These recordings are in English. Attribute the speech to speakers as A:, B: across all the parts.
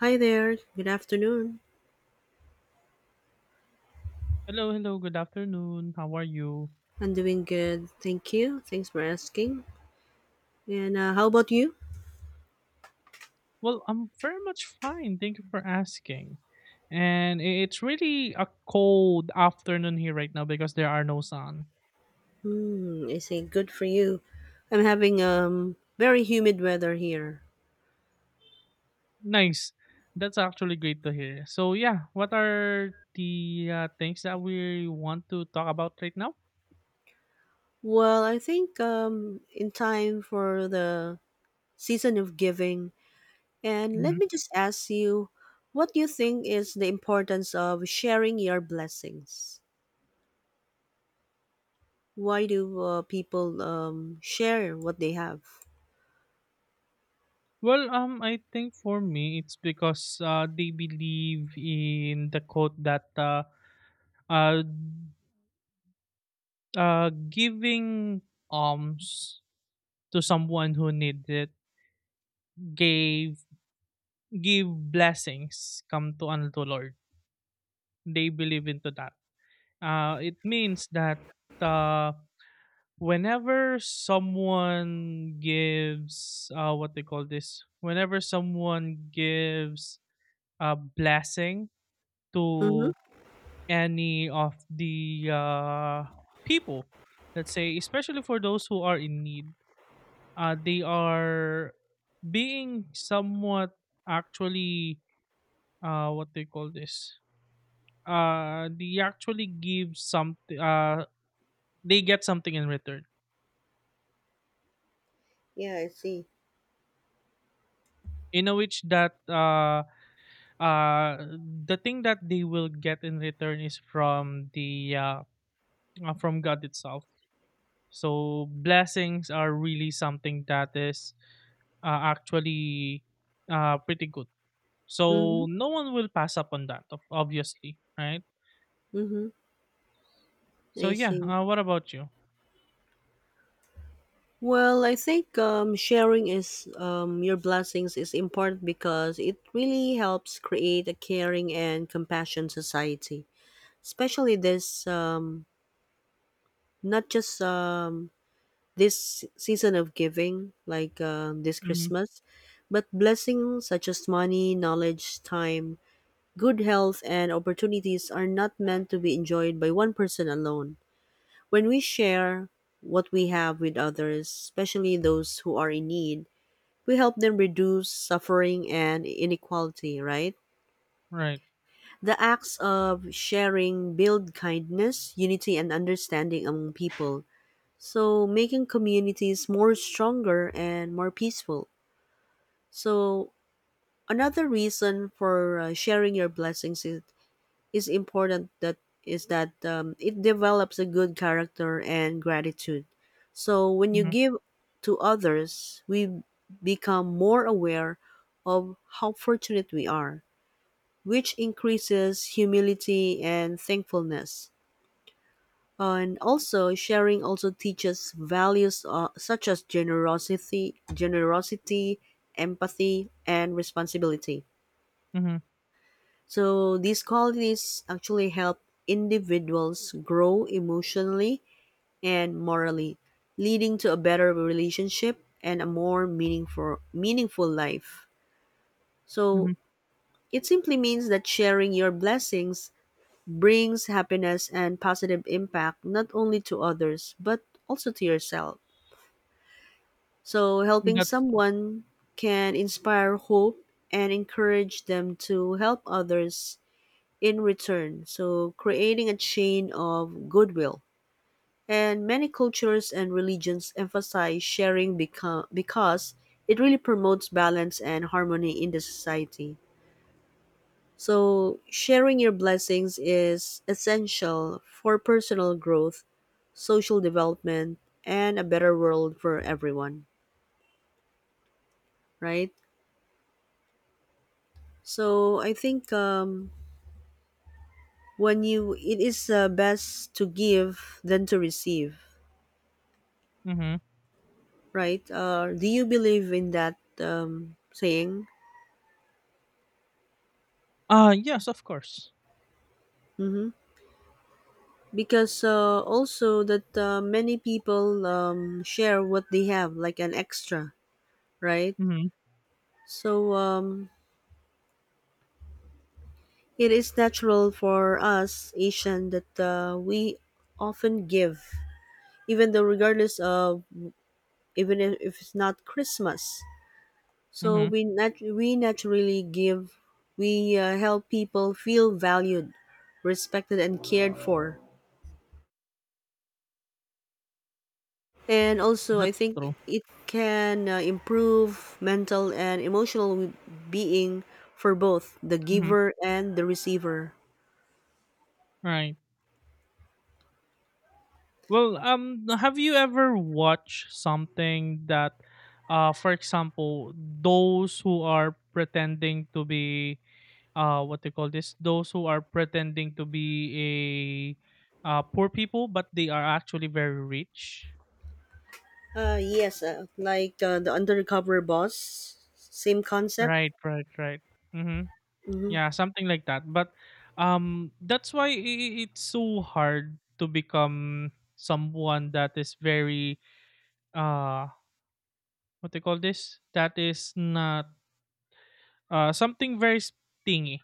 A: Hi there. Good afternoon.
B: Hello, hello, good afternoon. How are you?
A: I'm doing good. Thank you. Thanks for asking. And how about you?
B: Well, I'm very much fine. Thank you for asking. It's really a cold afternoon here right now because there are no sun.
A: Hmm. I say good for you. I'm having very humid weather here.
B: Nice. That's actually great to hear. So, yeah, what are the things that we want to talk about right now?
A: Well, I think in time for the season of giving. And let
B: Mhm.
A: me just ask you, what do you think is the importance of sharing your blessings? Why do people share what they have?
B: I think for me, it's because they believe in the quote that uh, giving alms to someone who needs it gave give blessings come to unto Lord. They believe into that. It means that uh, whenever someone gives what they call this, whenever someone gives a blessing
A: Mm-hmm.
B: to any of the people, let's say, especially for those who are in need, they are being somewhat actually what they call this, they actually give some they get something in return
A: Yeah, I see.
B: in a which that the thing that they will get in return is from the from god itself. So blessings are really something that is actually pretty good.
A: Mm-hmm.
B: So no one will pass up on that, obviously, right?
A: Mm-hmm.
B: So
A: I
B: yeah,
A: see.
B: what about you?
A: Well, I think sharing is your blessings is important because it really helps create a caring and compassion society, especially this not just this season of giving like this
B: Mm-hmm.
A: Christmas, but blessings such as money, knowledge, time, good health, and opportunities are not meant to be enjoyed by one person alone. When we share what we have with others, especially those who are in need, we help them reduce suffering and inequality, right?
B: Right.
A: The acts of sharing build kindness, unity, and understanding among people. So, making communities more stronger and more peaceful. So, another reason for sharing your blessings is important that is that it develops a good character and gratitude. So when you
B: Mm-hmm.
A: give to others, we become more aware of how fortunate we are, which increases humility and thankfulness. And also, sharing also teaches values such as generosity, empathy, and responsibility.
B: Mm-hmm.
A: So these qualities actually help individuals grow emotionally and morally, leading to a better relationship and a more meaningful life. So
B: Mm-hmm.
A: it simply means that sharing your blessings brings happiness and positive impact not only to others but also to yourself. So helping
B: That's true.
A: someone can inspire hope and encourage them to help others in return, so creating a chain of goodwill. And many cultures and religions emphasize sharing because it really promotes balance and harmony in the society. So, sharing your blessings is essential for personal growth, social development, and a better world for everyone, right? So, I think it is best to give than to receive.
B: Mm-hmm.
A: Right? Do you believe in that saying?
B: Uh, yes, of course.
A: Hmm. Because also that many people share what they have, like an extra, right?
B: Mhm.
A: So it is natural for us Asian that we often give, even though regardless of even if it's not Christmas. So
B: Mhm.
A: we naturally give, we help people feel valued, respected, and cared for. And also, I
B: That's
A: think
B: true.
A: it can improve mental and emotional being for both the
B: Mhm.
A: giver and the receiver.
B: Right. Well, have you ever watched something that, for example, those who are pretending to be, what they call this, those who are pretending to be a, poor people, but they are actually very rich.
A: Yes, like the undercover boss, same concept.
B: Right, right, right. Mm-hmm.
A: Mm-hmm.
B: Yeah, something like that. But, that's why it's so hard to become someone that is very uh what they call this, that is not something very thingy.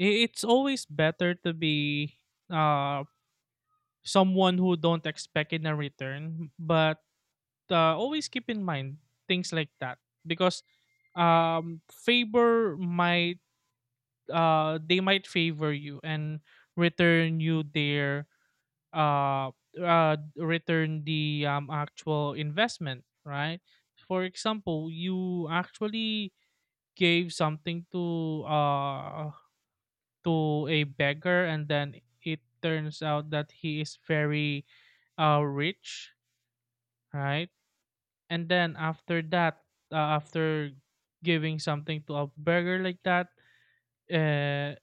B: I- it's always better to be uh someone who don't expect in a return, but always keep in mind things like that, because favor might they might favor you and return you their uh return the actual investment, right? For example, you actually gave something to a beggar, and then it turns out that he is very rich, right? And then after that, after giving something to a beggar like that, uh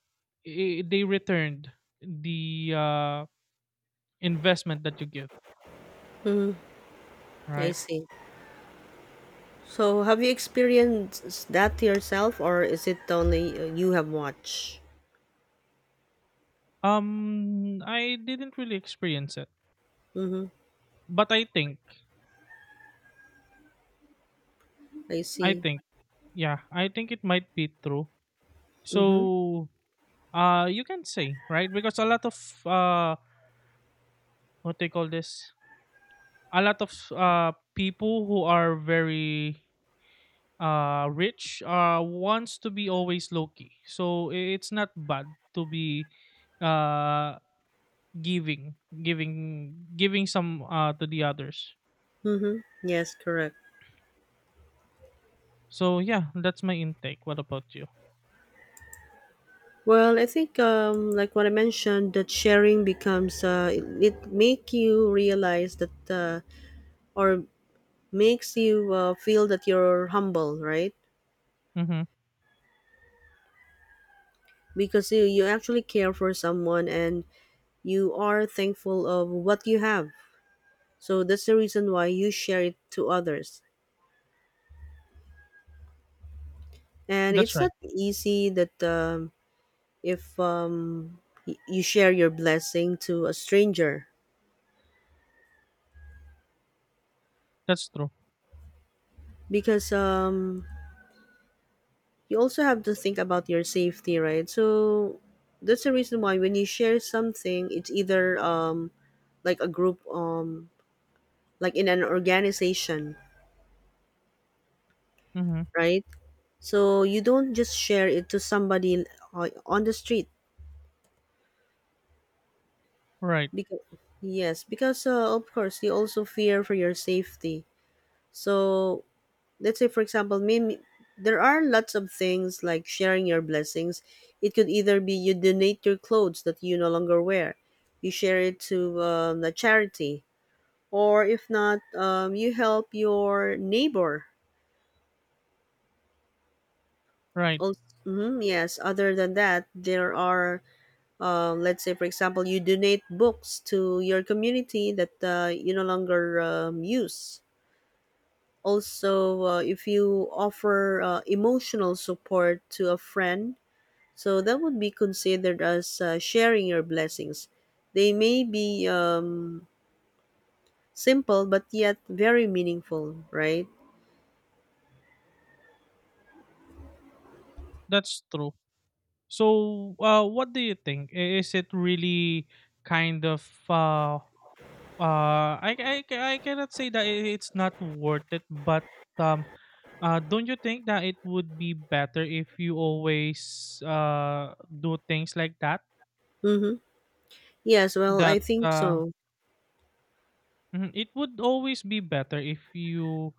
B: I they returned the investment that you give,
A: I
B: right?
A: see. So, have you experienced that yourself, or is it only you have watched?
B: I didn't really experience it,
A: Mm-hmm.
B: but
A: I
B: I
A: see.
B: think yeah, I think it might be true.
A: Mm-hmm.
B: So you can say, right? Because a lot of uh, what they call this, a lot of people who are very rich wants to be always low key. So it's not bad to be uh giving, giving some to the others.
A: Mm-hmm. Yes, correct.
B: So yeah, that's my intake. What about you?
A: Well, I think like what I mentioned, that sharing becomes it make you realize that or makes you feel that you're humble, right?
B: Mm-hmm.
A: Because you actually care for someone and you are thankful of what you have. So that's the reason why you share it to others. And
B: That's
A: it's
B: right.
A: not easy that if you share your blessing to a stranger
B: That's true.
A: because you also have to think about your safety, right? So that's the reason why when you share something, it's either like a group like in an organization,
B: Mm-hmm.
A: right? So you don't just share it to somebody on the street
B: Right.
A: because yes, because of course you also fear for your safety. So let's say for example me. There are lots of things like sharing your blessings. It could either be you donate your clothes that you no longer wear, you share it to the charity, or if not you help your neighbor.
B: Right.
A: Also, yes, other than that there are let's say for example you donate books to your community that you no longer use. Also if you offer emotional support to a friend. So that would be considered as sharing your blessings. They may be simple, but yet very meaningful, right?
B: That's true. So, what do you think? Is it really kind of uh, I, I cannot say that it's not worth it, but um, don't you think that it would be better if you always do things like that?
A: Mm-hmm. Yes, well, I
B: That
A: think so.
B: mhm, it would always be better if you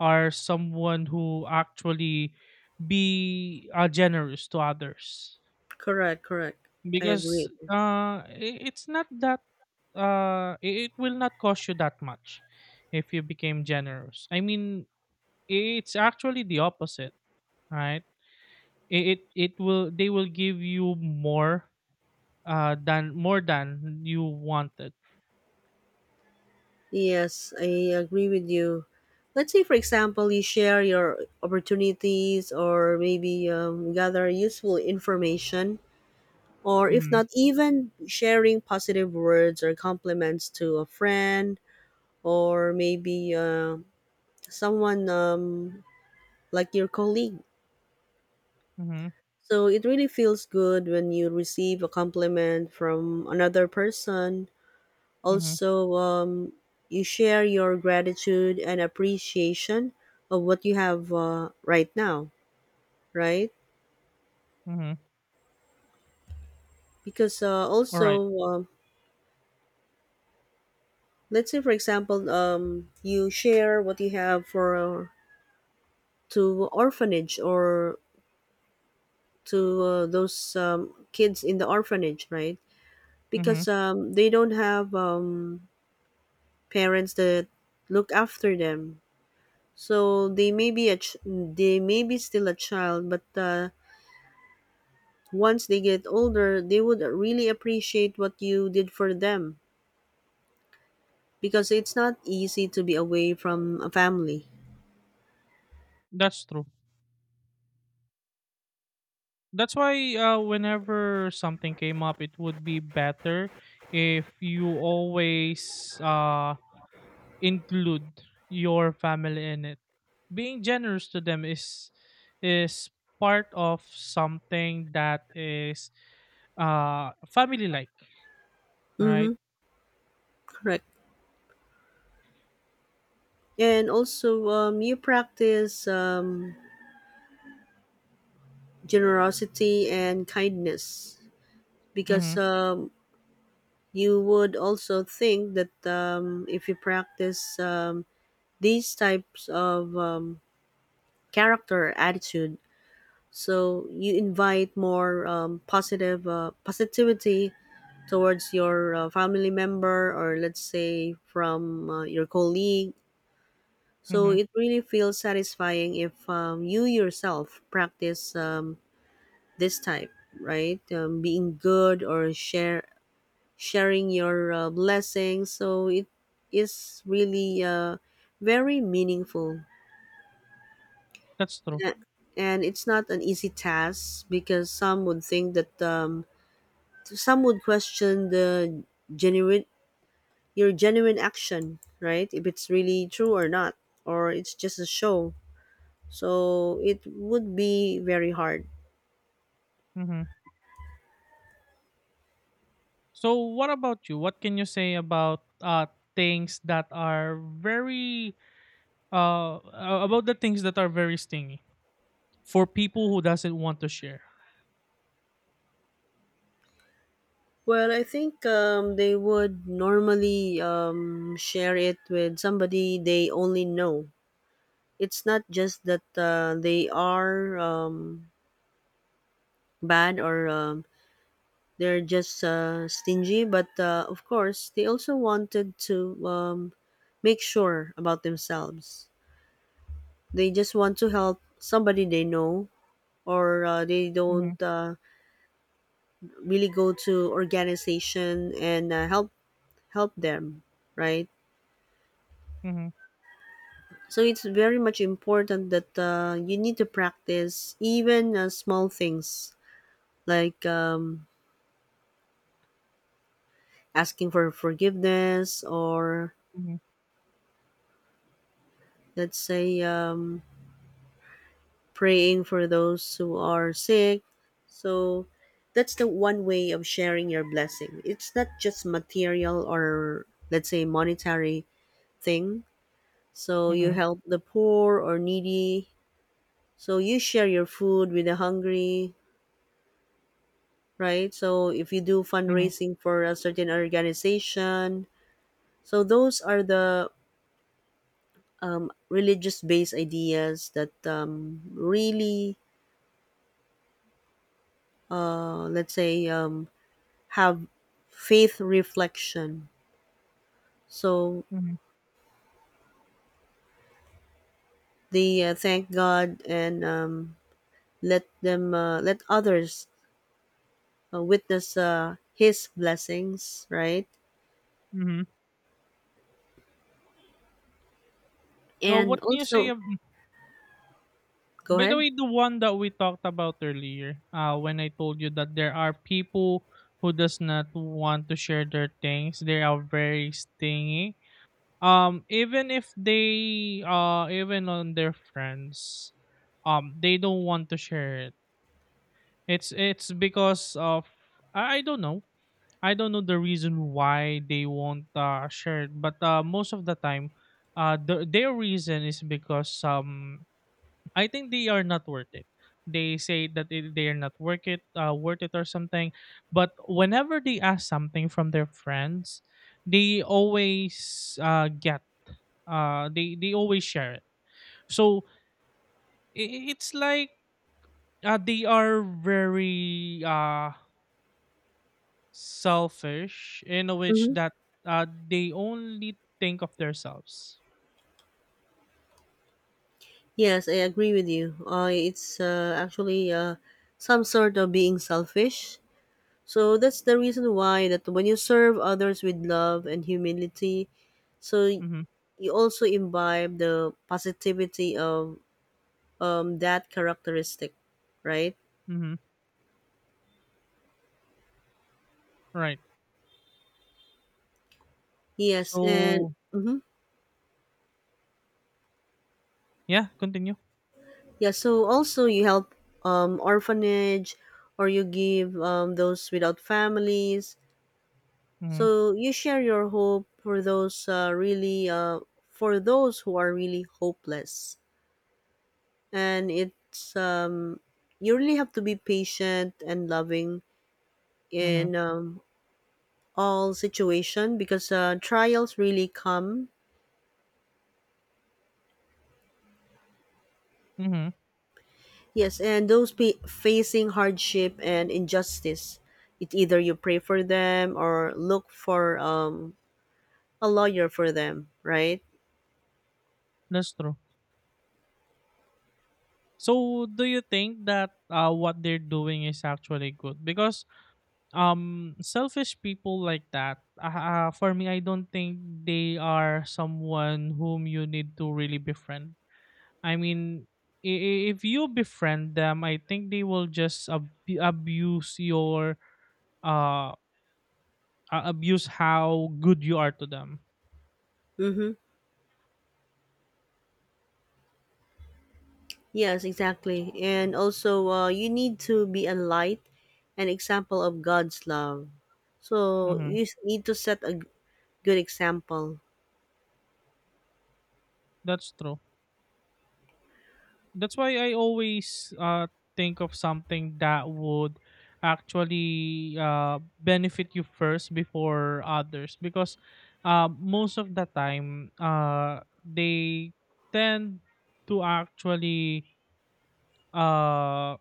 B: are someone who actually be generous to others.
A: Correct, correct. I agree.
B: Because, I it's not that, uh, i- it will not cost you that much if you became generous. I mean, it's actually the opposite, right? It will they will give you more than more than you wanted.
A: Yes, I agree with you. Let's say, for example, you share your opportunities or maybe gather useful information, or if
B: Mhm.
A: not, even sharing positive words or compliments to a friend, or maybe someone like your colleague.
B: Mhm.
A: So it really feels good when you receive a compliment from another person.
B: Mhm.
A: Also, you share your gratitude and appreciation of what you have right now, right?
B: Mhm.
A: Because
B: All right.
A: also, let's say, for example, you share what you have for to orphanage or to those kids in the orphanage, right?
B: Mhm.
A: Because they don't have parents that look after them. So they may be they may be still a child, but once they get older, they would really appreciate what you did for them because it's not easy to be away from a family.
B: That's true. That's why whenever something came up, it would be better if you always include your family in it. Being generous to them is is part of something that is family like,
A: Mm-hmm.
B: right?
A: Correct. And also, you practice generosity and kindness because
B: Mhm.
A: you would also think that if you practice these types of character attitude, so you invite more positive positivity towards your family member or let's say from your colleague. So
B: Mhm.
A: it really feels satisfying if you yourself practice this type, right? Being good, or share sharing your blessings, so it is really very meaningful.
B: That's true.
A: A- and it's not an easy task because some would think that some would question the genuine your genuine action, right? If it's really true or not, or it's just a show, so it would be very hard.
B: Mhm. So what about you? What can you say about things that are very uh about the things that are very stingy, for people who doesn't want to share?
A: Well, I think they would normally share it with somebody they only know. It's not just that they are bad or they're just stingy, but of course, they also wanted to make sure about themselves. They just want to help somebody they know, or they don't
B: Mhm,
A: really go to organization and help them, right?
B: mhm,
A: So it's very much important that you need to practice even small things like asking for forgiveness, or
B: mhm,
A: let's say praying for those who are sick. So that's the one way of sharing your blessing. It's not just material, or let's say monetary thing. So you
B: mhm,
A: help the poor or needy. So you share your food with the hungry, right? So if you do
B: mhm,
A: fundraising for a certain organization, so those are the religious based ideas that really, let's say, have faith reflection. So
B: mhm,
A: they thank God and let others witness His blessings, right?
B: mhm. Now,
A: And
B: what do you say?
A: also, go
B: By the
A: ahead.
B: way, the one that we talked about earlier, when I told you that there are people who does not want to share their things, they are very stingy. Even if they, even on their friends, they don't want to share it. It's because of I don't know. I don't know the reason why they won't share it, but most of the time, their reason is because I think they are not worth it. They say that they are not worth it, worth it or something. But whenever they ask something from their friends, they always get. They always share it. So it's like they are very selfish in a which
A: hmm
B: that they only think of themselves.
A: Yes, I agree with you. It's actually some sort of being selfish. So that's the reason why that when you serve others with love and humility, so
B: Mm-hmm,
A: you also imbibe the positivity of that characteristic, right?
B: mm-hmm, right.
A: Yes, and
B: So
A: mhm.
B: yeah, continue.
A: Yeah. So also you help orphanage, or you give those without families.
B: Mm-hmm,
A: So you share your hope for those really for those who are really hopeless, and it's you really have to be patient and loving
B: mm-hmm,
A: in all situation because trials really come.
B: mm-hmm.
A: Yes, and those facing hardship and injustice, it either you pray for them or look for a lawyer for them, right?
B: That's true. So do you think that what they're doing is actually good? Because selfish people like that, for me, I don't think they are someone whom you need to really befriend. I mean, if you befriend them, I think they will just abuse your uh abuse how good you are to them.
A: Mm-hmm. Yes, exactly. And also, you need to be a light, an example of God's love. So
B: Hmm.
A: you need to set a good example.
B: That's true. That's why I always think of something that would actually benefit you first before others, because most of the time tend to actually uh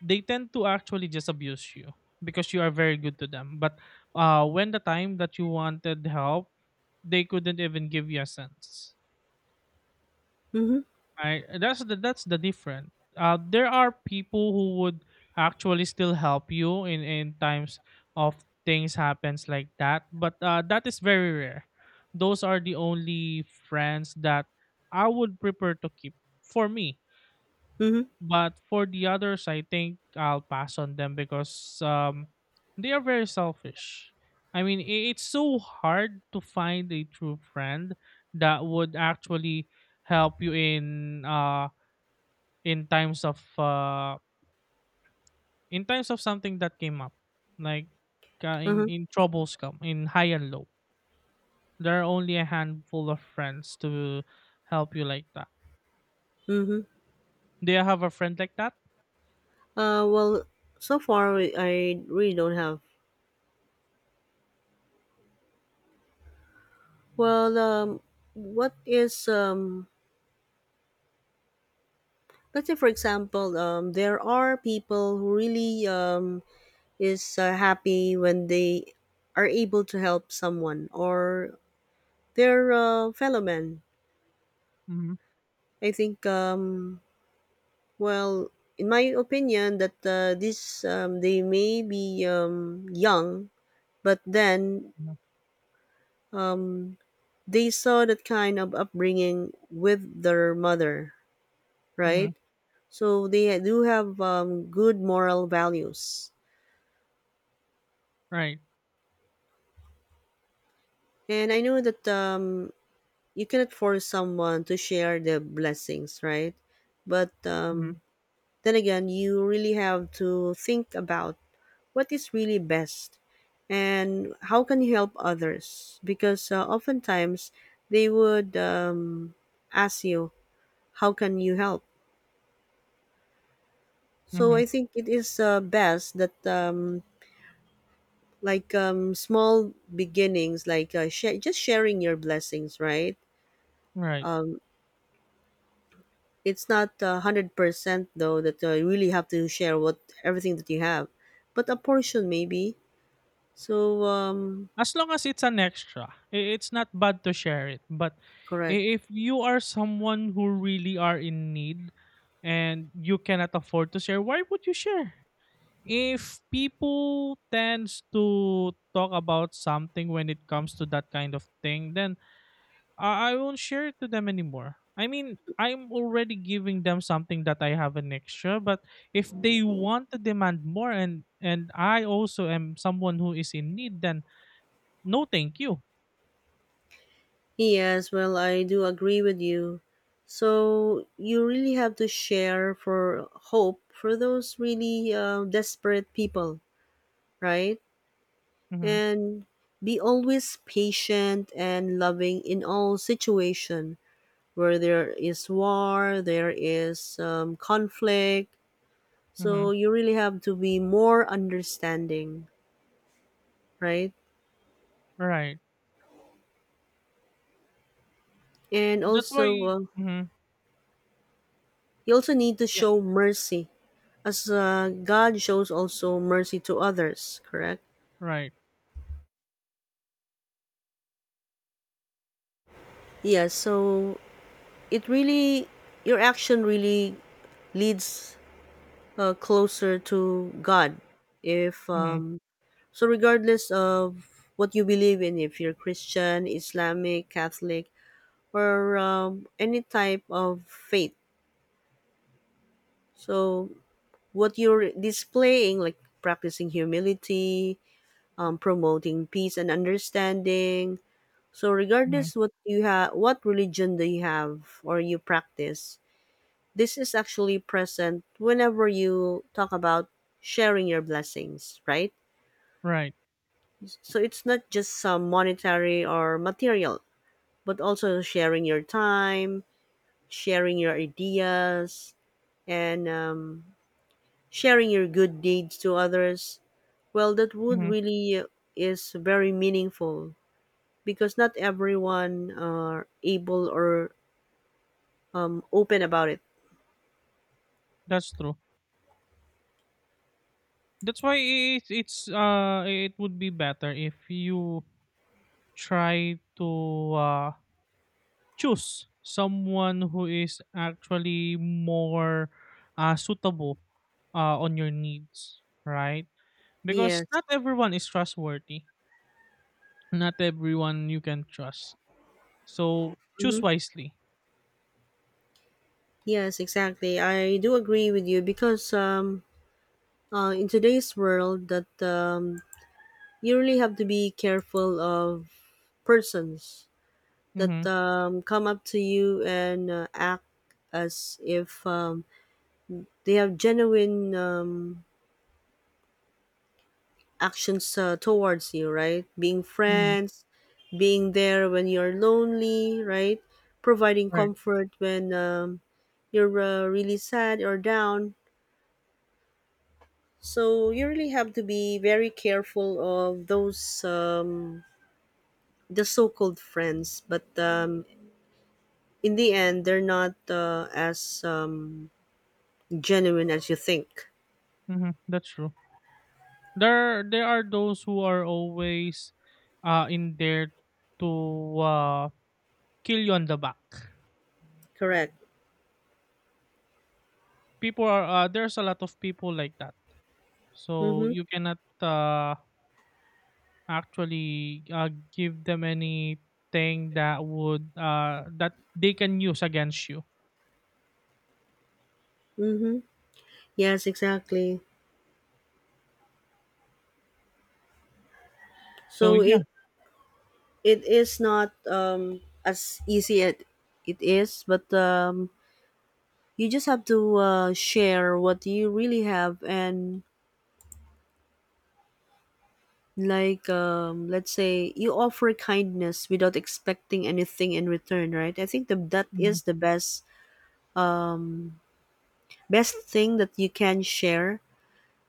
B: they tend to actually just abuse you because you are very good to them, but when the time that you wanted help, they couldn't even give you a sense.
A: Mm-hmm.
B: Right. That's the different. There are people who would actually still help you in times of things happens like that, but that is very rare. Those are the only friends that I would prefer to keep for me.
A: Mm-hmm.
B: But for the others, I think I'll pass on them, because they are very selfish. I mean, it's so hard to find a true friend that would actually help you in in times of uh in times of something that came up, like
A: Uh-huh.
B: in troubles come in high and low. There are only a handful of friends to help you like that.
A: Mm-hmm.
B: Do you have a friend like that?
A: Well, so far I really don't have. Well, what is let's say, for example, there are people who really is happy when they are able to help someone or their fellow man.
B: Mm-hmm.
A: I think, well, in my opinion, that this they may be young, but then
B: Mm-hmm.
A: um, they saw that kind of upbringing with their mother,
B: Mm-hmm.
A: right? So they do have good moral values.
B: Right.
A: And I know that you cannot force someone to share the blessings, right? But
B: Mm-hmm.
A: then again, you really have to think about what is really best and how can you help others because oftentimes they would ask you how can you help. So
B: Mm-hmm.
A: I think it is best that like small beginnings like just sharing your blessings, right?
B: Right.
A: It's not 100% though that you really have to share what everything that you have, but a portion maybe. So
B: As long as it's an extra, it's not bad to share it. But
A: correct.
B: if you are someone who really are in need and you cannot afford to share, why would you share? If people tends to talk about something when it comes to that kind of thing, then I won't share it to them anymore. I mean, I'm already giving them something that I have an extra, but if they want to demand more and I also am someone who is in need, then no thank you.
A: Yes, well, I do agree with you. So you really have to share for hope for those really desperate people, right?
B: Mhm,
A: And be always patient and loving in all situation where there is war, there is conflict. So
B: mhm,
A: you really have to be more understanding, right?
B: right.
A: And
B: That's
A: also,
B: why mhm,
A: you also need to
B: yeah,
A: show mercy, as God shows also mercy to others, correct?
B: right.
A: Yeah, so it really, your action really leads closer to God. If,
B: Mhm,
A: so regardless of what you believe in, if you're Christian, Islamic, Catholic, or any type of faith, so what you're displaying, like practicing humility, promoting peace and understanding. So
B: mhm,
A: regardless what you have, what religion do you have or you practice, this is actually present whenever you talk about sharing your blessings, right?
B: right.
A: So it's not just some monetary or material, but also sharing your time, sharing your ideas, and sharing your good deeds to others. Well, that would
B: Mhm,
A: really is very meaningful because not everyone are able or open about it.
B: that's true. That's why it would be better if you try to choose someone who is actually more suitable on your needs, right? Because
A: Yes.
B: not everyone is trustworthy. Not everyone you can trust. So choose
A: hmm
B: wisely.
A: Yes, exactly. I do agree with you because in today's world, that you really have to be careful of persons that
B: Mhm,
A: come up to you and act as if they have genuine actions towards you, right? Being
B: mhm,
A: friends, being there when you're lonely, right? Providing
B: right.
A: comfort when you're really sad or down. So you really have to be very careful of those the so-called friends, but in the end, they're not as genuine as you think.
B: Hmm. That's true. There are those who are always in there to uh kill you on the back.
A: Correct.
B: People are there's a lot of people like that. So
A: Mm-hmm.
B: you cannot actually give them anything that would that they can use against you.
A: Mm-hmm. Yes, exactly.
B: So
A: So
B: yeah.
A: it is not as easy as it is, but you just have to share what you really have, and like let's say you offer kindness without expecting anything in return, right? I think that is
B: Hmm.
A: the best thing that you can share.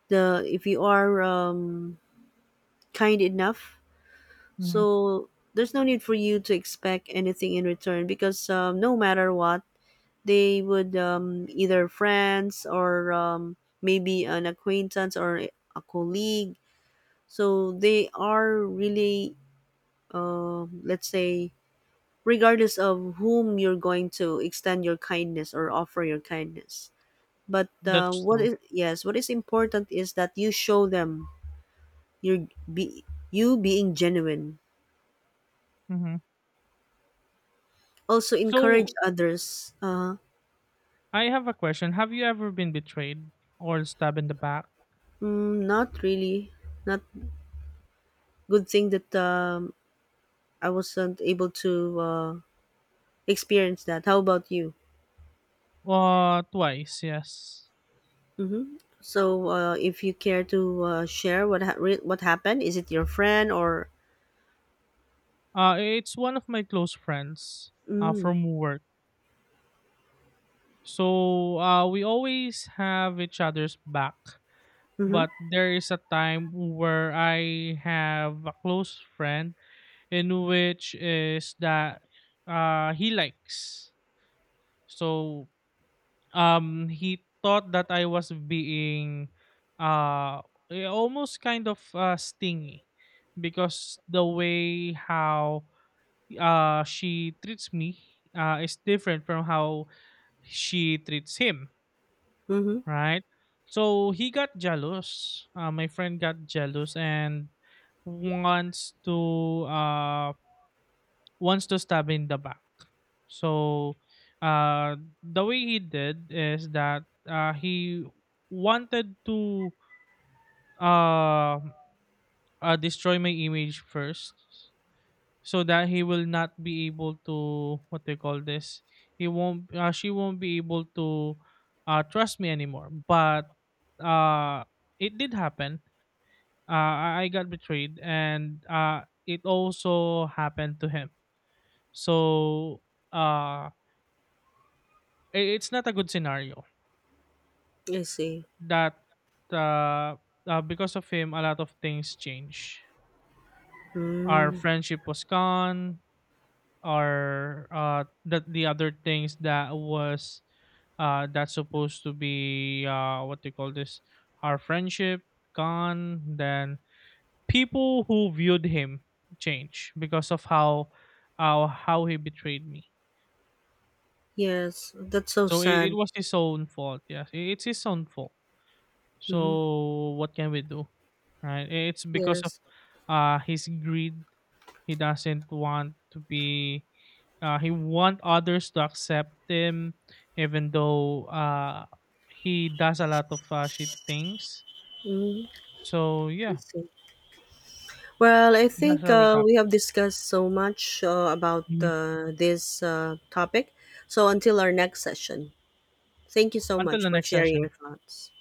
A: The If you are kind enough,
B: Hmm.
A: so there's no need for you to expect anything in return because no matter what, they would either friends or maybe an acquaintance or a colleague, so they are really let's say regardless of whom you're going to extend your kindness or offer your kindness, but
B: That's
A: what
B: true.
A: is yes, what is important is that you show them your be you being genuine,
B: Hmm.
A: also encourage
B: So
A: others
B: I have a question. Have you ever been betrayed or stabbed in the back?
A: mm, not really. Not good thing that I wasn't able to experience that. How about you?
B: Uh, twice, yes.
A: So, if you care to share what happened, is it your friend or?
B: It's one of my close friends from work. So we always have each other's back.
A: Mm-hmm.
B: But there is a time where I have a close friend in which is that he likes. So he thought that I was being uh, almost kind of stingy, because the way how she treats me is different from how she treats him,
A: Mm-hmm.
B: right? So he got jealous. My friend got jealous and wants to uh, wants to stab in the back. So uh, the way he did is that he wanted to uh, destroy my image first, so that he will not be able to what they call this, he won't she won't be able to trust me anymore. But uh, it did happen. I got betrayed, and it also happened to him. So uh, it's not a good scenario.
A: I see.
B: That uh, because of him a lot of things change. Our
A: Mm,
B: friendship was gone, or that the other things that was that's supposed to be what they call this, our friendship gone. Then people who viewed him change because of how he betrayed me.
A: yes, that's so
B: So it
A: sad.
B: was his own fault. Yes, it's his own fault.
A: Mm-hmm.
B: So what can we do, right? It's because of
A: Yes.
B: his greed. He doesn't want to be he want others to accept him, even though he does a lot of shitty things.
A: Mm,
B: So
A: I
B: yeah,
A: see. Well, I
B: that's
A: think
B: how we talk.
A: we have discussed so much about
B: Mhm.
A: this topic. So, until our next session, thank you so
B: Until
A: much
B: the
A: for
B: next
A: sharing your
B: session.
A: thoughts.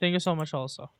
B: Thank you so much, also.